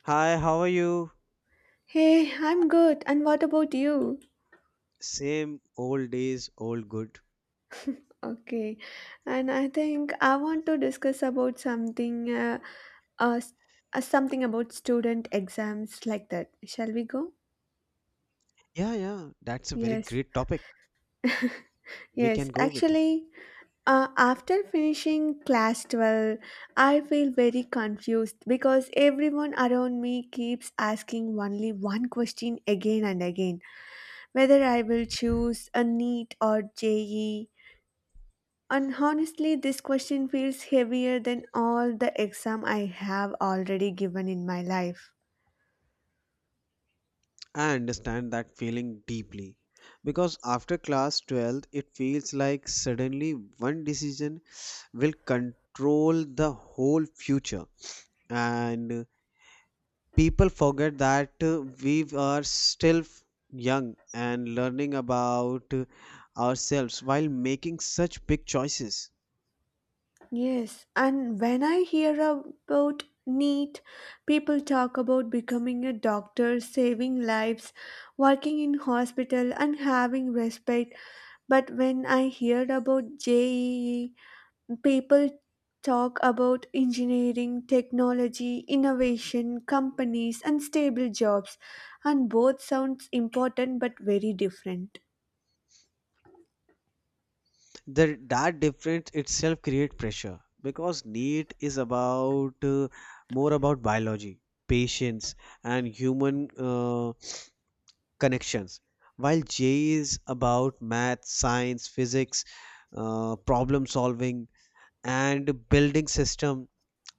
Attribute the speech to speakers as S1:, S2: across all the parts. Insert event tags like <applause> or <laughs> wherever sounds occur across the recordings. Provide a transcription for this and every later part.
S1: Hi, how are you?
S2: Hey, I'm good. And what about you?
S1: Same old days, old good.
S2: Okay. And I think I want to discuss about something uh, s- something about student exams like that. Shall we go?
S1: Yeah, yeah, that's a very
S2: Yes.
S1: great topic.
S2: <laughs>
S1: We can
S2: Yes,
S1: go with it.
S2: actually, after finishing class 12, I feel very confused because everyone around me keeps asking only one question again and again whether I will choose a NEET or JE. And honestly, this question feels heavier than all the exam I have already given in my life.
S1: I understand that feeling deeply because after class 12th, it feels like suddenly one decision will control the whole future, and people forget that we are still young and learning about ourselves while making such big choices.
S2: Yes, and when I hear about NEET, people talk about becoming a doctor, saving lives, working in hospital, and having respect. But when I heard about JEE, people talk about engineering, technology, innovation, companies, and stable jobs, and both sounds important but very different.
S1: The that difference itself create pressure because NEET is about more about biology, patience, and human connections, while JE is about math, science, physics, problem solving, and building system,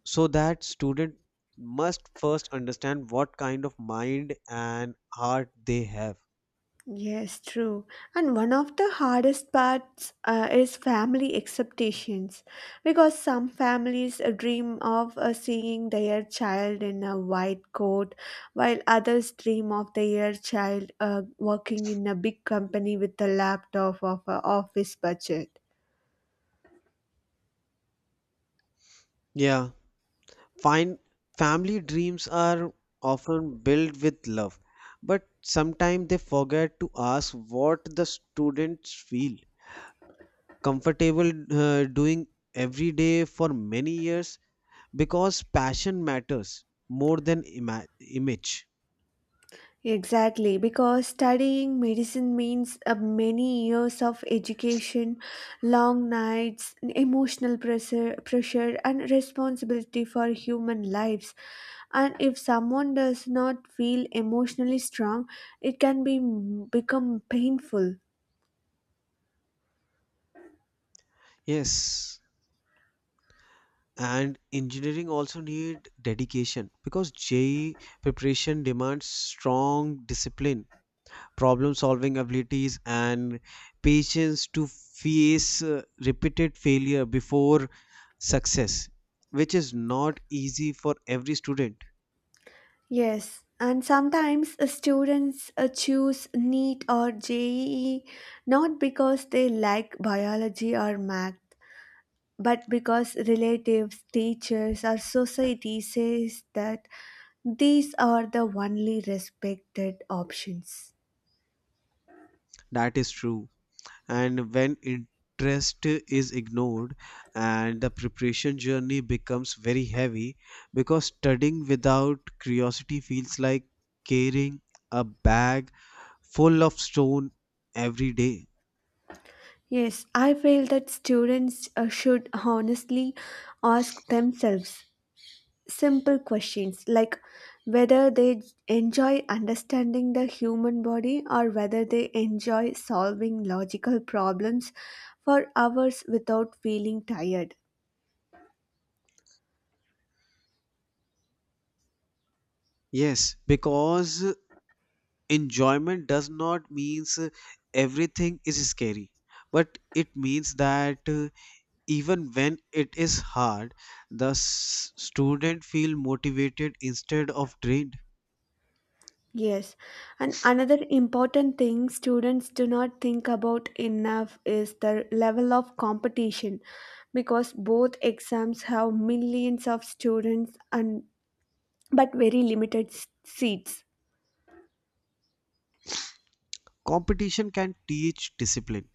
S1: so that student must first understand what kind of mind and heart they have.
S2: Yes, true. And one of the hardest parts is family expectations because some families dream of seeing their child in a white coat, while others dream of their child working in a big company with a laptop of an office budget.
S1: Yeah, fine, family dreams are often built with love, but sometimes they forget to ask what the students feel comfortable doing every day for many years, because passion matters more than image.
S2: Exactly, because studying medicine means many years of education, long nights, emotional pressure, pressure, and responsibility for human lives. And if someone does not feel emotionally strong, it can be become painful.
S1: Yes, and engineering also need dedication because JEE preparation demands strong discipline, problem solving abilities, and patience to face repeated failure before success, which is not easy for every student.
S2: Yes, and sometimes students choose NEET or JEE not because they like biology or math but because relatives, teachers, or society says that these are the only respected options.
S1: That is true, and when interest is ignored and the preparation journey becomes very heavy, because studying without curiosity feels like carrying a bag full of stone every day.
S2: Yes, I feel that students should honestly ask themselves simple questions like whether they enjoy understanding the human body or whether they enjoy solving logical problems for hours without feeling tired.
S1: Yes, because enjoyment does not means everything is scary, but it means that even when it is hard, the student feel motivated instead of drained.
S2: Yes, and another important thing students do not think about enough is the level of competition because both exams have millions of students and but very limited seats.
S1: Competition can teach discipline,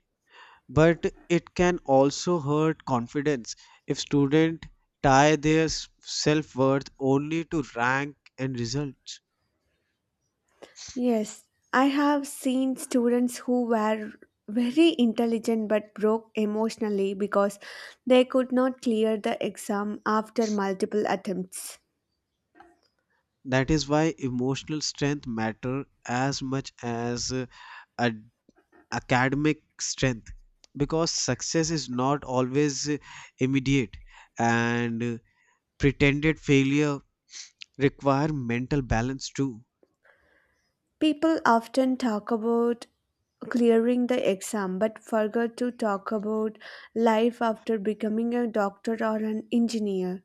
S1: but it can also hurt confidence if student tie their self-worth only to rank and results.
S2: Yes, I have seen students who were very intelligent but broke emotionally because they could not clear the exam after multiple attempts.
S1: That is why emotional strength matter as much as academic strength, because success is not always immediate, and pretended failure require mental balance too.
S2: People often talk about clearing the exam but forget to talk about life after becoming a doctor or an engineer.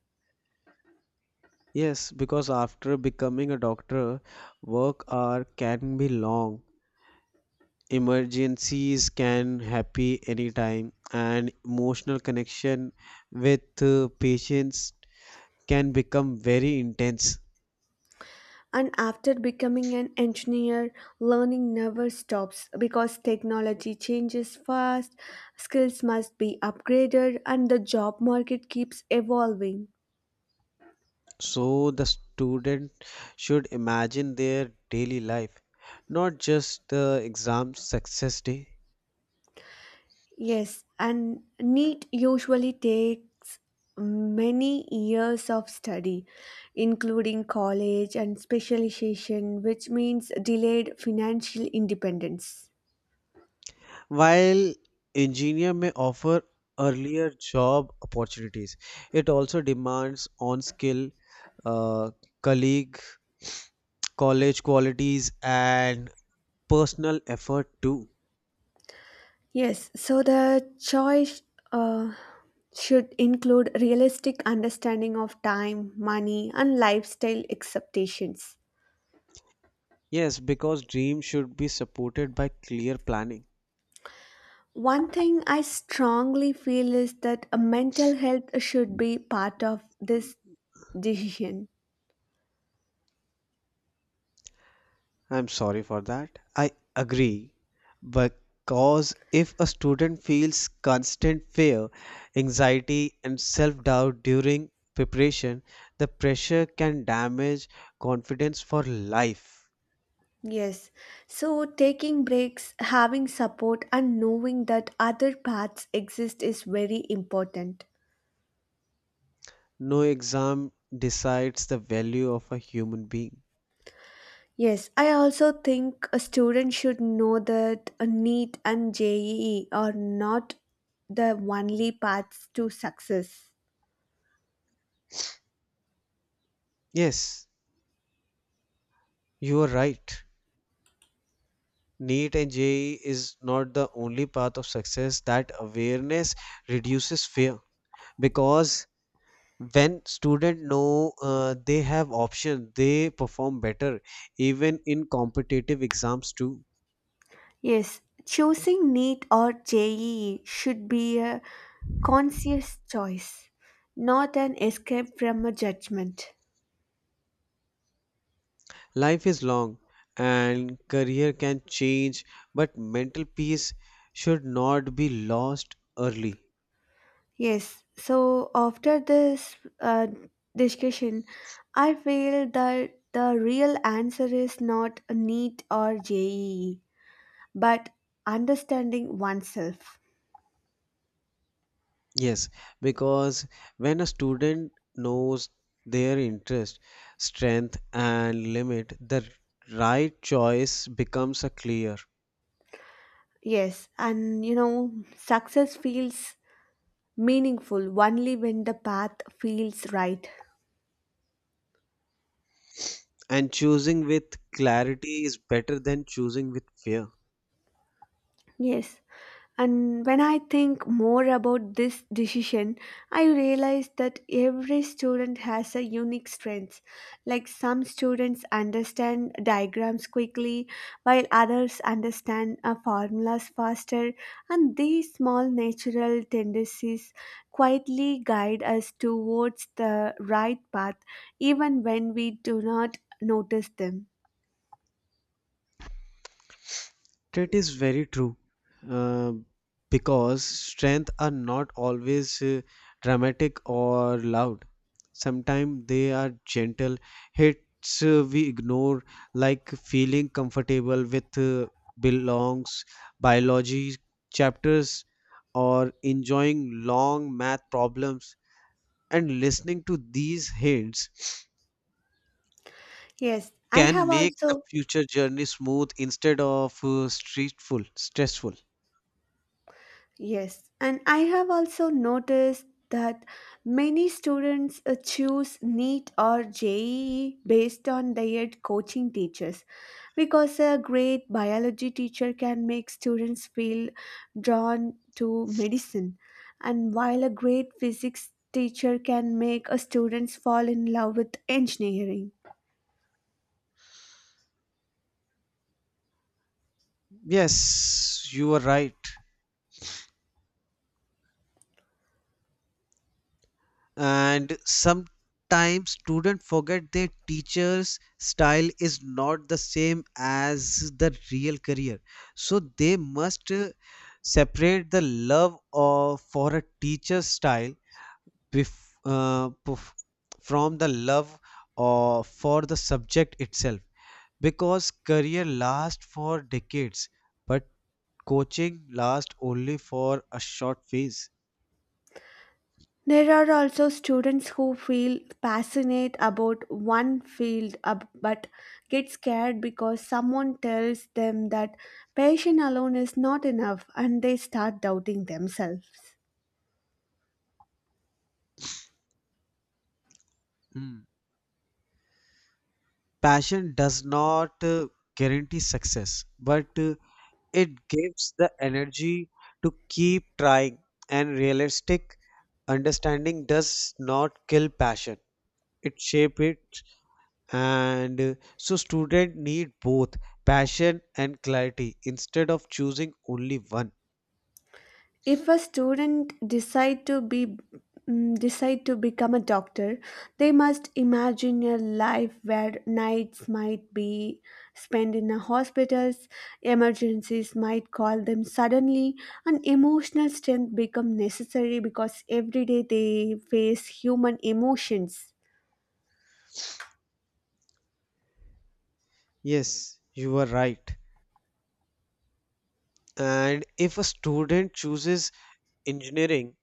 S1: Yes, because after becoming a doctor, work hour can be long, emergencies can happen anytime, and emotional connection with patients can become very intense.
S2: And after becoming an engineer, learning never stops because technology changes fast, skills must be upgraded, and the job market keeps evolving.
S1: So the student should imagine their daily life, not just the exam success day.
S2: Yes, and NEET usually takes many years of study, including college and specialization, which means delayed financial independence.
S1: While engineer may offer earlier job opportunities, it also demands on skill, uh, colleague, college qualities, and personal effort too.
S2: Yes, so the choice uh, should include realistic understanding of time, money, and lifestyle expectations.
S1: Yes, because dreams should be supported by clear planning.
S2: One thing I strongly feel is that a mental health should be part of this decision.
S1: I'm sorry for that. I agree. Because if a student feels constant fear, anxiety, and self doubt during preparation, the pressure can damage confidence for life.
S2: Yes. So taking breaks, having support, and knowing that other paths exist is very important.
S1: No exam decides the value of a human being.
S2: Yes, I also think a student should know that a NEET and JEE are not the only paths to success.
S1: Yes, you are right. NEET and JEE is not the only path of success. That awareness reduces fear, because when student know they have option, they perform better even in competitive exams too.
S2: Yes, choosing NEET or JEE should be a conscious choice, not an escape from a judgment.
S1: Life is long and career can change, but mental peace should not be lost early.
S2: Yes, so after this discussion, I feel that the real answer is not a NEET or JEE, but understanding oneself.
S1: Yes, because when a student knows their interest, strength, and limit, the right choice becomes a clear.
S2: Yes, and you know, success feels meaningful only when the path feels right.
S1: And choosing with clarity is better than choosing with fear.
S2: Yes, and when I think more about this decision, I realize that every student has a unique strength. Like some students understand diagrams quickly, while others understand formulas faster, and these small natural tendencies quietly guide us towards the right path, even when we do not notice them.
S1: That is very true. Uh, because strength are not always dramatic or loud. Sometimes they are gentle hits we ignore, like feeling comfortable with belongs, biology chapters, or enjoying long math problems. And listening to these hints
S2: Yes, I
S1: can
S2: have
S1: make the
S2: also.
S1: future journey smooth instead of stressful. Stressful.
S2: Yes, and I have also noticed that many students choose NEET or JEE based on their coaching teachers because a great biology teacher can make students feel drawn to medicine, and while a great physics teacher can make a students fall in love with engineering.
S1: Yes, you are right. And sometimes students forget their teacher's style is not the same as the real career. So they must separate the love of for a teacher's style bef- uh, perf- from the love for the subject itself. Because career lasts for decades, but coaching lasts only for a short phase.
S2: There are also students who feel passionate about one field but get scared because someone tells them that passion alone is not enough and they start doubting themselves.
S1: Hmm. Passion does not guarantee success, but it gives the energy to keep trying. And realistic understanding does not kill passion; it shapes it. And so, student need both passion and clarity instead of choosing only one.
S2: If a student decide to be decide to become a doctor, they must imagine a life where nights might be spent in a hospitals, emergencies might call them suddenly, and emotional strength become necessary because every day they face human emotions.
S1: Yes, you are right. And if a student chooses engineering,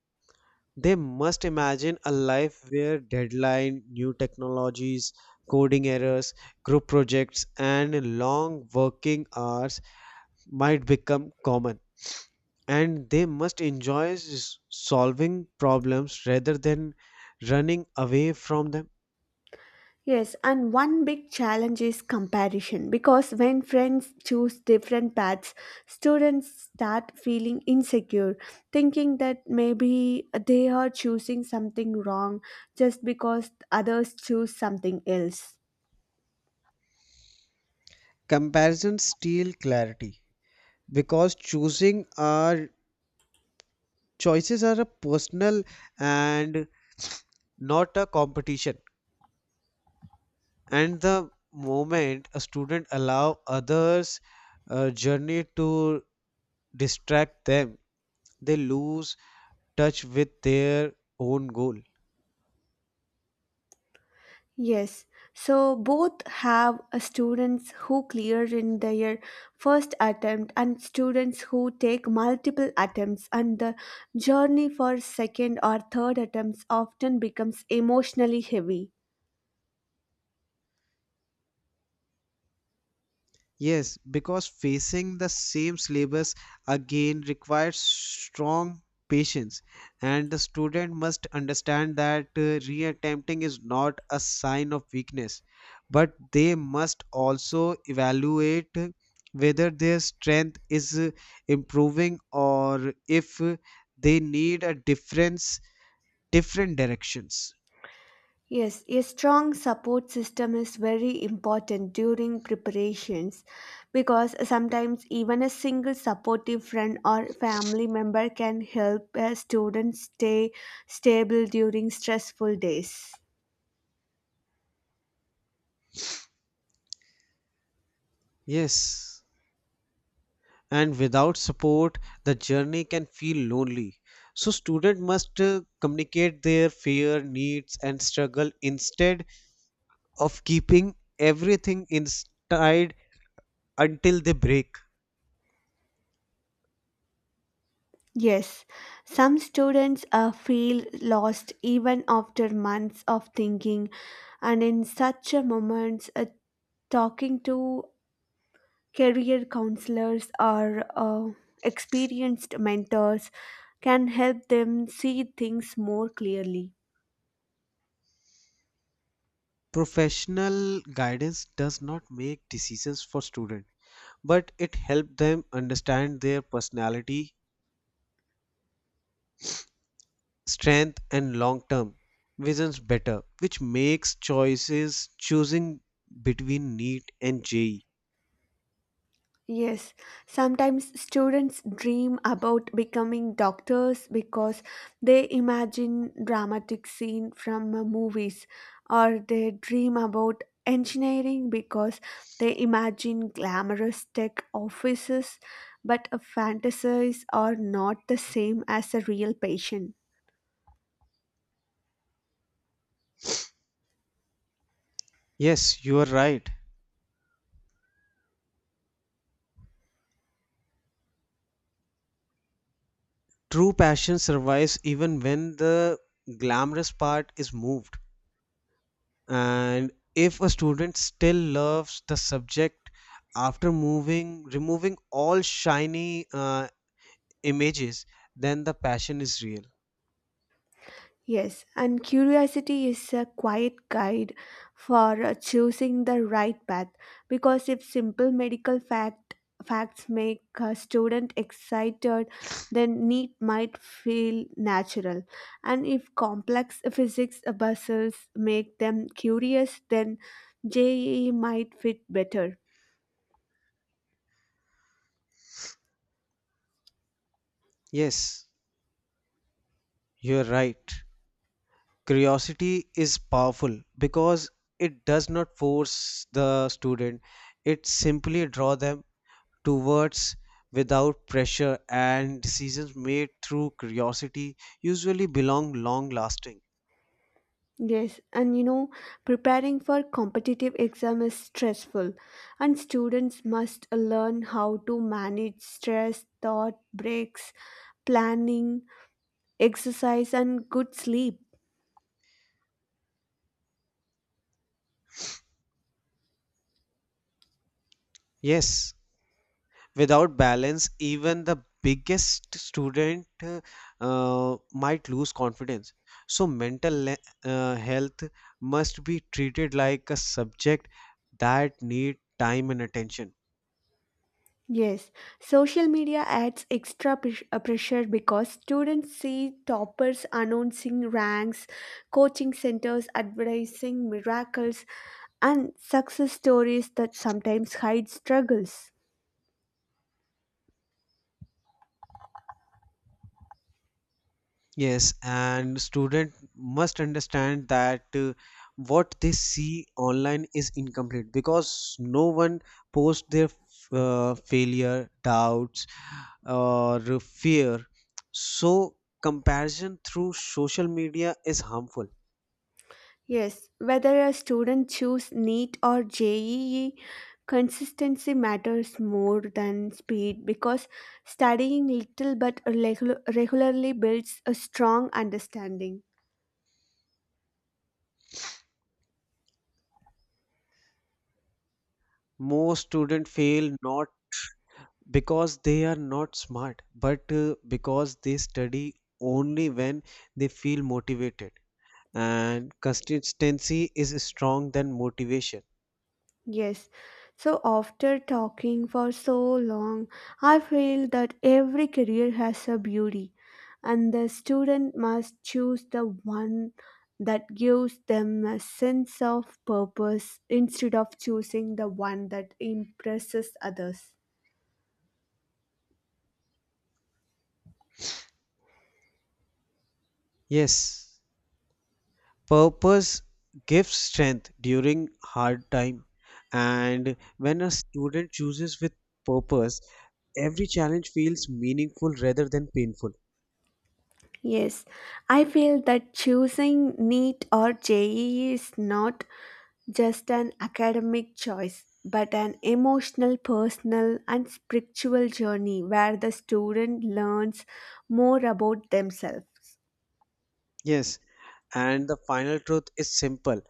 S1: they must imagine a life where deadline, new technologies, coding errors, group projects, and long working hours might become common. And they must enjoy solving problems rather than running away from them.
S2: Yes, and one big challenge is comparison because when friends choose different paths, students start feeling insecure, thinking that maybe they are choosing something wrong just because others choose something else.
S1: Comparisons steal clarity, because choosing our choices are a personal and not a competition. And the moment a student allow others journey to distract them, they lose touch with their own goal.
S2: Yes, so both have students who clear in their first attempt and students who take multiple attempts and the journey for second or third attempts often becomes emotionally heavy.
S1: Yes, because facing the same syllabus again requires strong patience, and the student must understand that reattempting is not a sign of weakness, but they must also evaluate whether their strength is improving, or if they need a difference, different directions.
S2: Yes, a strong support system is very important during preparations because sometimes even a single supportive friend or family member can help a student stay stable during stressful days.
S1: Yes. And without support, the journey can feel lonely, so student must communicate their fear, needs, and struggle instead of keeping everything inside until they break.
S2: Yes, some students feel lost even after months of thinking, and in such a moments, talking to career counselors or experienced mentors can help them see things more clearly.
S1: Professional guidance does not make decisions for student, but it helps them understand their personality, strength, and long term visions better, which makes choices choosing between neat and je.
S2: Yes, sometimes students dream about becoming doctors because they imagine dramatic scene from movies or they dream about engineering because they imagine glamorous tech offices but fantasies are not the same as a real patient.
S1: Yes, you are right. True passion survives even when the glamorous part is moved. And if a student still loves the subject after moving, removing all shiny images, then the passion is real.
S2: Yes, and curiosity is a quiet guide for choosing the right path because if simple medical facts make a student excited, then need might feel natural, and if complex physics puzzles make them curious, then JEE might fit better.
S1: Yes, you're right. Curiosity is powerful because it does not force the student, it simply draw them towards without pressure, and decisions made through curiosity usually belong long lasting.
S2: Yes, and you know, preparing for competitive exam is stressful, and students must learn how to manage stress, thought breaks, planning, exercise, and good sleep.
S1: Yes, without balance, even the biggest student might lose confidence, so mental health must be treated like a subject that need time and attention.
S2: Yes, social media adds extra pressure because students see toppers announcing ranks, coaching centers advertising miracles, and success stories that sometimes hide struggles.
S1: Yes, and student must understand that what they see online is incomplete, because no one posts their failure, doubts, or fear. So comparison through social media is harmful.
S2: Yes, whether a student choose NEET or JEE, consistency matters more than speed because studying little but regularly builds a strong understanding.
S1: Most students fail not because they are not smart, but because they study only when they feel motivated. And consistency is strong than motivation.
S2: Yes. So after talking for so long, I feel that every career has a beauty, and the student must choose the one that gives them a sense of purpose instead of choosing the one that impresses others.
S1: Yes, purpose gives strength during hard time, and when a student chooses with purpose, every challenge feels meaningful rather than painful.
S2: Yes, I feel that choosing NEET or JEE is not just an academic choice, but an emotional, personal, and spiritual journey where the student learns more about themselves.
S1: Yes, and the final truth is simple.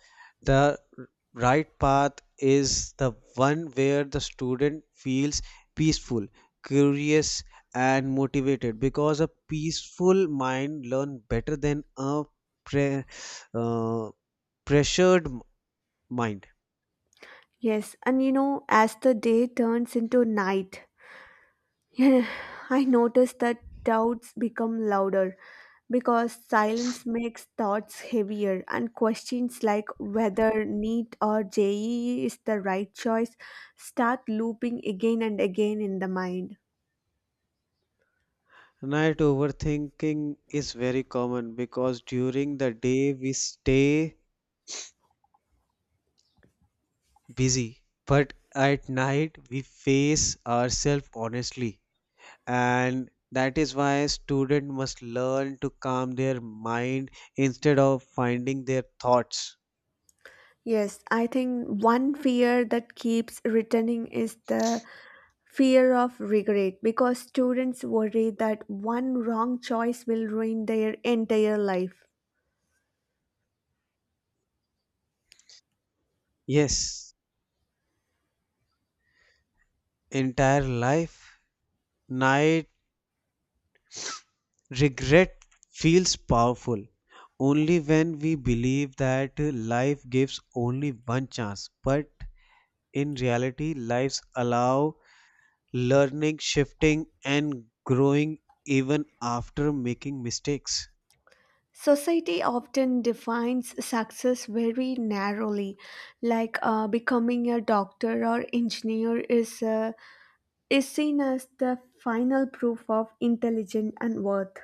S1: The right path is the one where the student feels peaceful, curious, and motivated, because a peaceful mind learn better than a pre- uh, pressured mind.
S2: Yes, and you know, as the day turns into night, <laughs> I notice that doubts become louder because silence makes thoughts heavier and questions like whether NEET or JEE is the right choice start looping again and again in the mind.
S1: Night overthinking is very common because during the day we stay busy, but at night we face ourselves honestly. And that is why students must learn to calm their mind instead of finding their thoughts.
S2: Yes, I think one fear that keeps returning is the fear of regret because students worry that one wrong choice will ruin their entire life.
S1: Yes, entire life, night regret feels powerful only when we believe that life gives only one chance. But in reality, lives allow learning, shifting, and growing even after making mistakes.
S2: Society often defines success very narrowly, like becoming a doctor or engineer is seen as the final proof of intelligence and worth.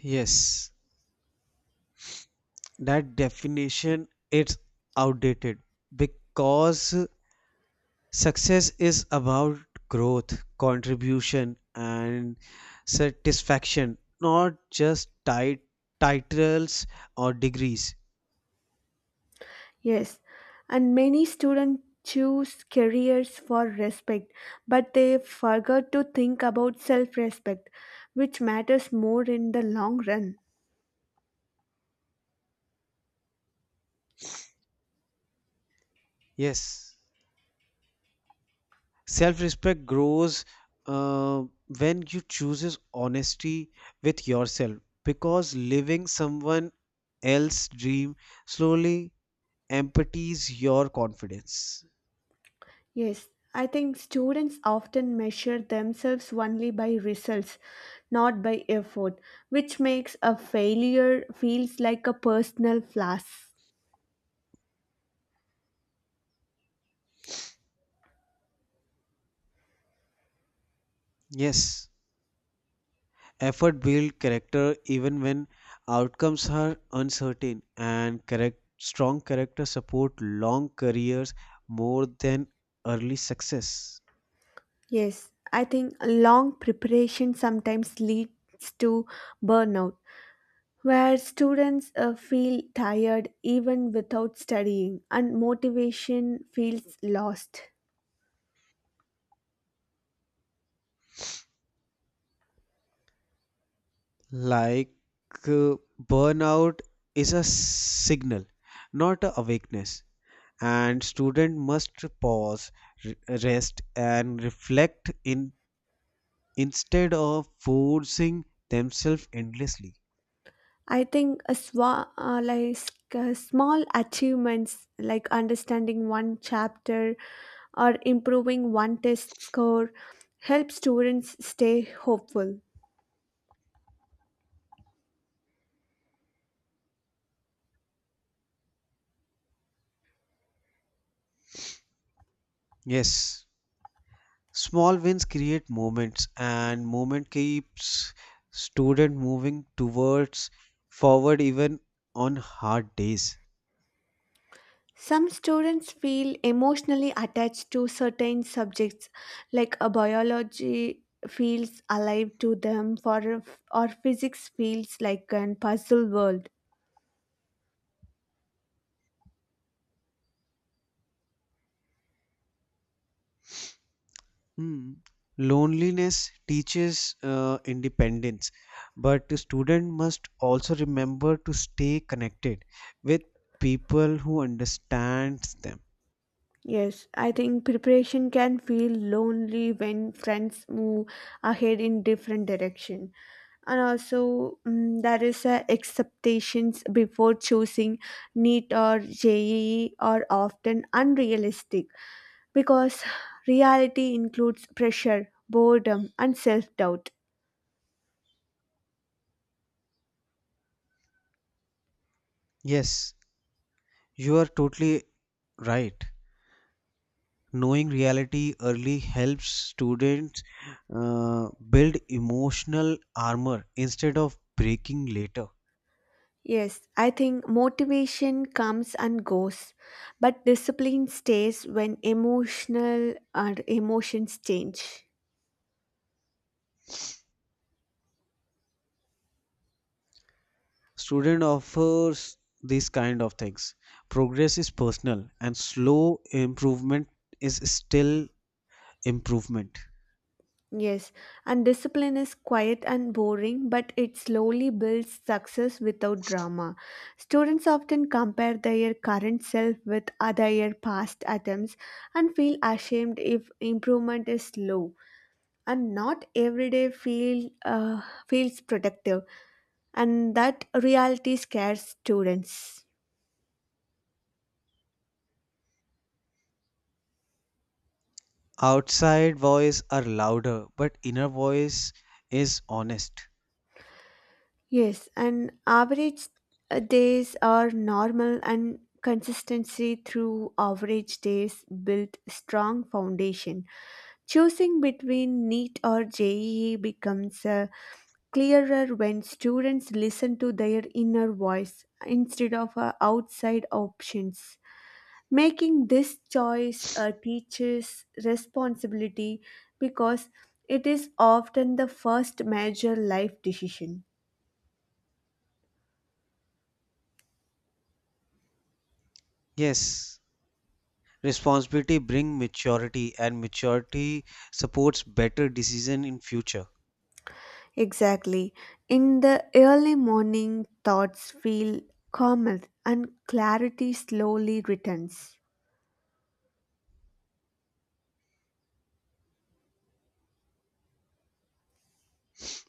S1: Yes, that definition it's outdated, because success is about growth, contribution, and satisfaction, not just titles or degrees.
S2: Yes, and many students choose careers for respect, but they forget to think about self respect, which matters more in the long run.
S1: Yes. Self-respect grows uh, when you chooses honesty with yourself, because living someone else's dream slowly empties your confidence.
S2: Yes, I think students often measure themselves only by results, not by effort, which makes a failure feels like a personal flaw.
S1: Yes, effort builds character even when outcomes are uncertain, and correct strong character support long careers more than early success.
S2: Yes, I think long preparation sometimes leads to burnout where students feel tired even without studying and motivation feels lost.
S1: Like uh, burnout is a signal, not a awakeness. And student must pause, re- rest, and reflect in instead of forcing themselves endlessly.
S2: I think a swa- like small achievements like understanding one chapter or improving one test score help students stay hopeful.
S1: Yes, small wins create moments, and moment keeps student moving towards forward even on hard days.
S2: Some students feel emotionally attached to certain subjects, like a biology feels alive to them, for or physics feels like an puzzle world.
S1: Hmm. Loneliness teaches independence, but the student must also remember to stay connected with people who understands them.
S2: Yes, I think preparation can feel lonely when friends move ahead in different direction. And also, there is a expectations before choosing NEET or JEE are often unrealistic because reality includes pressure, boredom, and self-doubt.
S1: Yes, you are totally right. Knowing reality early helps students build emotional armor instead of breaking later.
S2: Yes, I think motivation comes and goes, but discipline stays when emotional and emotions change.
S1: Student offers these kind of things. Progress is personal, and slow improvement is still improvement.
S2: Yes, and discipline is quiet and boring, but it slowly builds success without drama. Students often compare their current self with other past attempts and feel ashamed if improvement is slow. And not every day feels productive, and that reality scares students.
S1: Outside voice are louder, but inner voice is honest.
S2: Yes, and average days are normal and consistency through average days build strong foundation. Choosing between NEET or JEE becomes clearer when students listen to their inner voice instead of outside options. Making this choice a teacher's responsibility because it is often the first major life decision.
S1: Yes, responsibility bring maturity, and maturity supports better decision in future.
S2: Exactly. In the early morning, thoughts feel calmer and clarity slowly returns.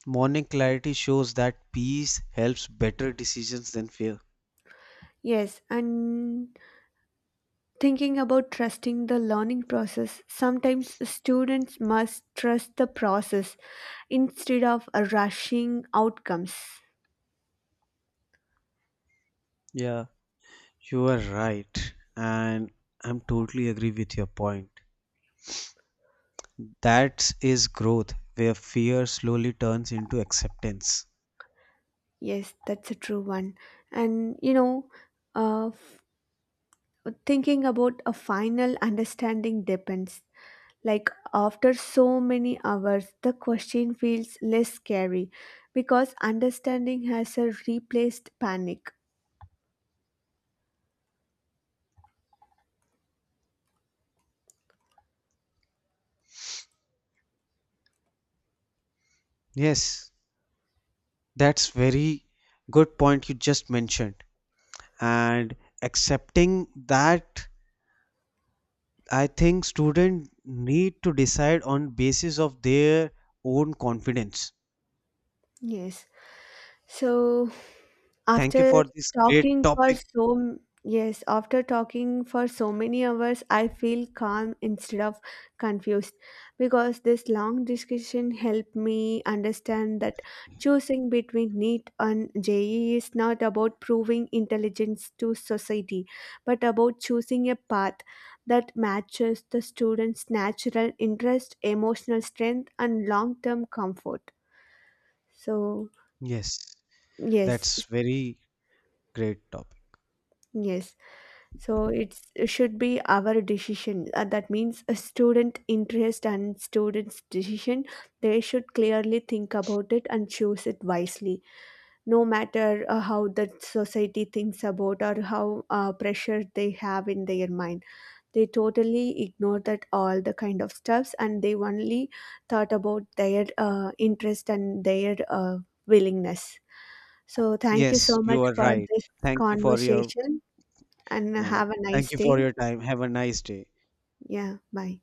S1: Morning clarity shows that peace helps better decisions than fear.
S2: Yes, and thinking about trusting the learning process, sometimes students must trust the process instead of rushing outcomes.
S1: Yeah, you are right, and I'm totally agree with your point. That is growth where fear slowly turns into acceptance.
S2: Yes, that's a true one. And you know, uh, f- thinking about a final understanding depends. Like after so many hours, the question feels less scary because understanding has a replaced panic.
S1: Yes, that's very good point you just mentioned. And accepting that, I think students need to decide on basis of their own confidence.
S2: Yes. So
S1: Thank you
S2: after
S1: for this great
S2: talking for
S1: topic.
S2: so Yes, after talking for so many hours, I feel calm instead of confused because this long discussion helped me understand that choosing between NEET and JEE is not about proving intelligence to society, but about choosing a path that matches the student's natural interest, emotional strength, and long-term comfort. So
S1: Yes,
S2: yes,
S1: that's very great topic.
S2: yes. So it's, it should be our decision. That means a student interest and student's decision. They should clearly think about it and choose it wisely, no matter how the society thinks about or how pressure they have in their mind. They totally ignore that all the kind of stuffs and they only thought about their interest and their willingness. So thank you
S1: Yes,
S2: so
S1: you
S2: much
S1: are
S2: for
S1: right.
S2: this
S1: Thank you for your
S2: conversation and
S1: uh,
S2: have a nice
S1: thank you for
S2: day.
S1: your time. Have a nice day.
S2: Yeah, bye.